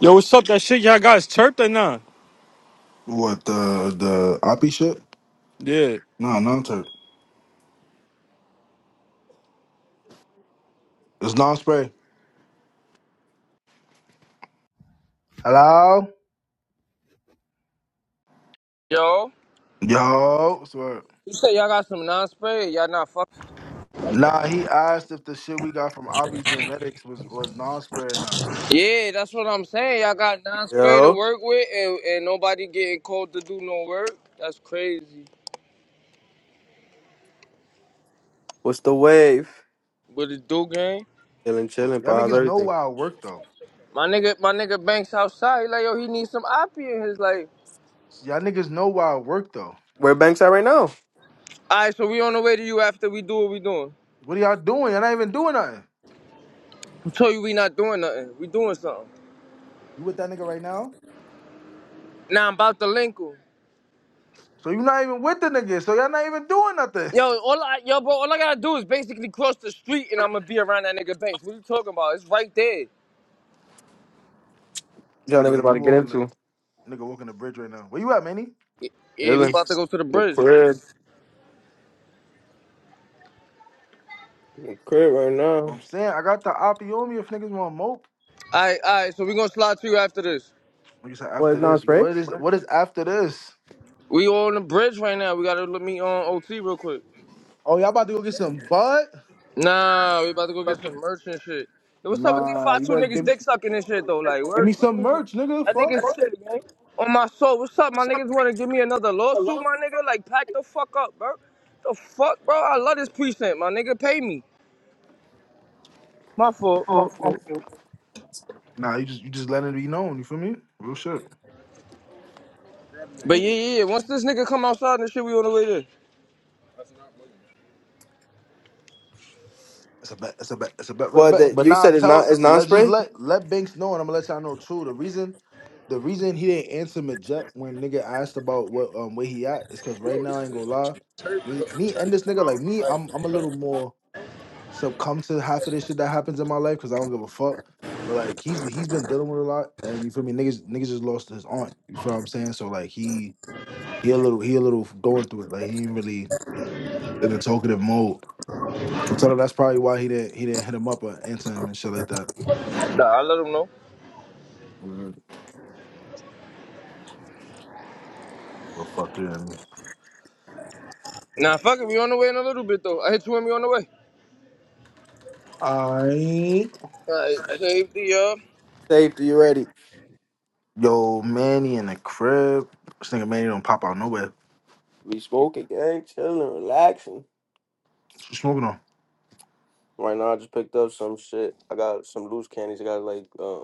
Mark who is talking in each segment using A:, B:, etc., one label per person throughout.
A: Yo, what's up? That shit y'all guys chirped or nah?
B: What the the Oppie shit?
A: Yeah.
B: No, non turk. It's non spray. Hello?
C: Yo,
B: Yo, swear.
C: you said y'all got some non-spray. Y'all not fuck.
B: Nah, he asked if the shit we got from Oppie Genetics was was non spray or not.
C: Yeah, that's what I'm saying. Y'all got non-spray to
D: Yo,
C: work with, and, and nobody getting called to do no work. That's crazy.
D: what's the wave?
C: But it do game.
D: Chilling,
B: Well,
D: chilling.
B: Y'all
D: Pa, how's
B: niggas know
D: everything?
B: why I work though.
C: My nigga, my nigga Banks outside. He like, yo, he needs some oppie in his life.
B: Y'all niggas know why I work though.
D: Where Banks at right now?
C: All right, so we on the way to you after we do what we doing.
B: What are y'all doing? Y'all not even doing nothing.
C: I told you we not doing nothing. We doing something.
B: You with that nigga right now?
C: Now I'm about to link him.
B: So you not even with the nigga. So y'all not even doing nothing.
C: Yo, all I, yo, bro, all I gotta do is basically cross the street, and I'm gonna be around that nigga Banks. What you talking about? It's right there.
D: Y'all
B: This
D: niggas
B: nigga,
D: about
B: you
D: to get
B: walking the
D: into.
B: nigga walking the bridge right now. Where you at, Manny?
C: Yeah, we
D: Chilling.
C: about to go to the
D: In the
C: bridge.
D: crib. In the crib right now.
B: What I'm saying I got the Oppie on me if niggas want to mope.
C: Alright, alright, so we gonna slide to you after this.
B: Like you said,
D: What is
B: after
D: non
B: this,
D: spray?
B: what is what is after this?
C: We on the bridge right now. We gotta let me on OT real quick.
B: Oh, y'all about to go get some bud?
C: Nah, we about to go get some merch and shit. Yo, what's up with these
B: Nah,
C: five
B: you
C: two
B: better
C: niggas
B: give me
C: dick sucking and shit though? Like,
B: give
C: where
B: me
C: to
B: some
C: me?
B: merch, nigga.
C: That
B: Fuck.
C: niggas shit, man. On my soul, what's up? My niggas wanna give me another lawsuit, my nigga? Like, pack the fuck up, bro. The fuck, bro? I love this precinct, my nigga. Pay me. My fault, my
B: Oh,
C: fault.
B: okay. Nah, you just you just let it be known. You feel me? Real shit.
C: But yeah, yeah, yeah. Once this nigga come outside and shit, we on the way there.
B: It's a bet. It's a bet. It's a bet. Bet.
D: What
B: bet.
D: that
B: But
D: you
B: now
D: said is not
B: tell
D: is non
B: let just
D: spray?
B: let let Banks know, and I'm gonna let y'all know too. The reason, the reason he didn't answer Majet when nigga asked about what um where he at is because right now I ain't gonna lie, me me and this nigga like me, I'm I'm a little more. succumb to half of this shit that happens in my life because I don't give a fuck. But like he's he's been dealing with a lot, and you feel me, niggas niggas just lost his aunt. You feel what I'm saying? So like he he a little he a little going through it. Like he ain't really in a talkative mode. So tell him that's probably why he didn't he didn't hit him up or answer him and shit like that.
C: Nah, I let him know.
B: Mhm. Well, fuck him.
C: Nah, fuck it, we on the way in a little bit though. I hit you when we on the way.
B: I
C: All right, save the uh,
D: Safety, you ready?
B: yo Manny in the crib. This nigga Manny don't pop out nowhere.
D: We smoking, gang, chilling, relaxing.
B: What you smoking on?
D: Right now, I just picked up some shit. I got some loose candies. I got like uh,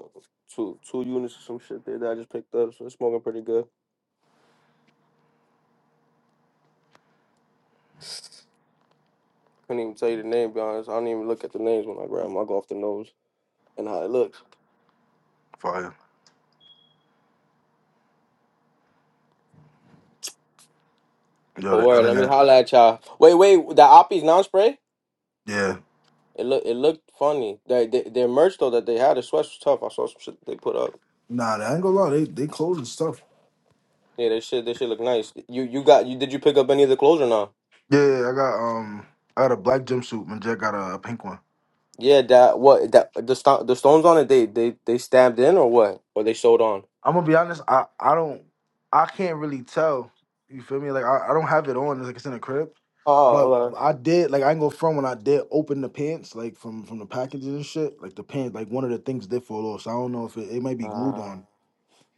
D: two two units of some shit there that I just picked up. So it's smoking pretty good. Couldn't even tell you the name, be honest. I don't even look at the names when I grab them. I go off the nose and how it looks.
B: Fire. Yo,
D: But
B: the
D: word, let me
B: internet.
D: holla at y'all. Wait, wait, the Oppies non spray?
B: Yeah.
D: It look it looked funny. They, they, their merch though that they had, the sweats was tough. I saw some shit they put up.
B: Nah, I ain't gonna lie. They they closing stuff.
D: Yeah, they shit they shit look nice. You you got you did you pick up any of the clothes or not?
B: Yeah, I got um, I got a black jumpsuit. and Jack got a, a pink one.
D: Yeah, that what that the sto- the stones on it they they they stabbed in or what? Or they sewed on?
B: I'm gonna be honest. I I don't, I can't really tell. You feel me? Like I, I don't have it on. It's Like it's in a crib.
D: Oh,
B: But
D: okay.
B: I did like I ain't go front when I did open the pants like from from the packages and shit. Like the pants, like one of the things did fall off. So I don't know if it, it might be glued
D: Uh,
B: on.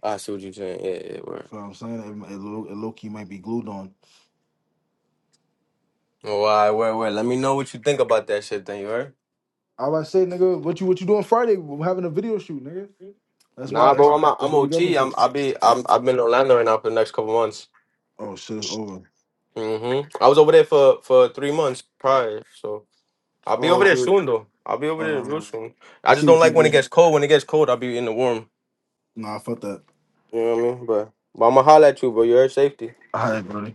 D: I see what you're saying. Yeah, yeah,
B: You
D: word.
B: feel what I'm saying? It, mi- it, low, it low key might be glued on.
D: Well, all right, word, word. Let me know what you think about that shit, then, you heard?
B: I was say, nigga, what you what you doing Friday? We're having a video shoot, nigga. That's
D: Nah,
B: why
D: bro,
B: that's
D: I'm
B: that's
D: I'm
B: what we got them
D: OT.
B: to.
D: I'm I be I'm I've been in Orlando right now for the next couple months.
B: Oh shit, it's over.
D: hmm I was over there for for three months prior, so I'll be over
B: Oh
D: there
B: shit.
D: soon though. I'll be over there real
B: Uh,
D: soon.
B: I
D: I just
B: see
D: don't
B: what
D: like
B: you
D: when it
B: do.
D: gets cold. When it gets cold, I'll be in the warm.
B: Nah, fuck that.
D: You know what I mean? But but I'ma holler at you, bro. You heard safety.
B: All right, brother.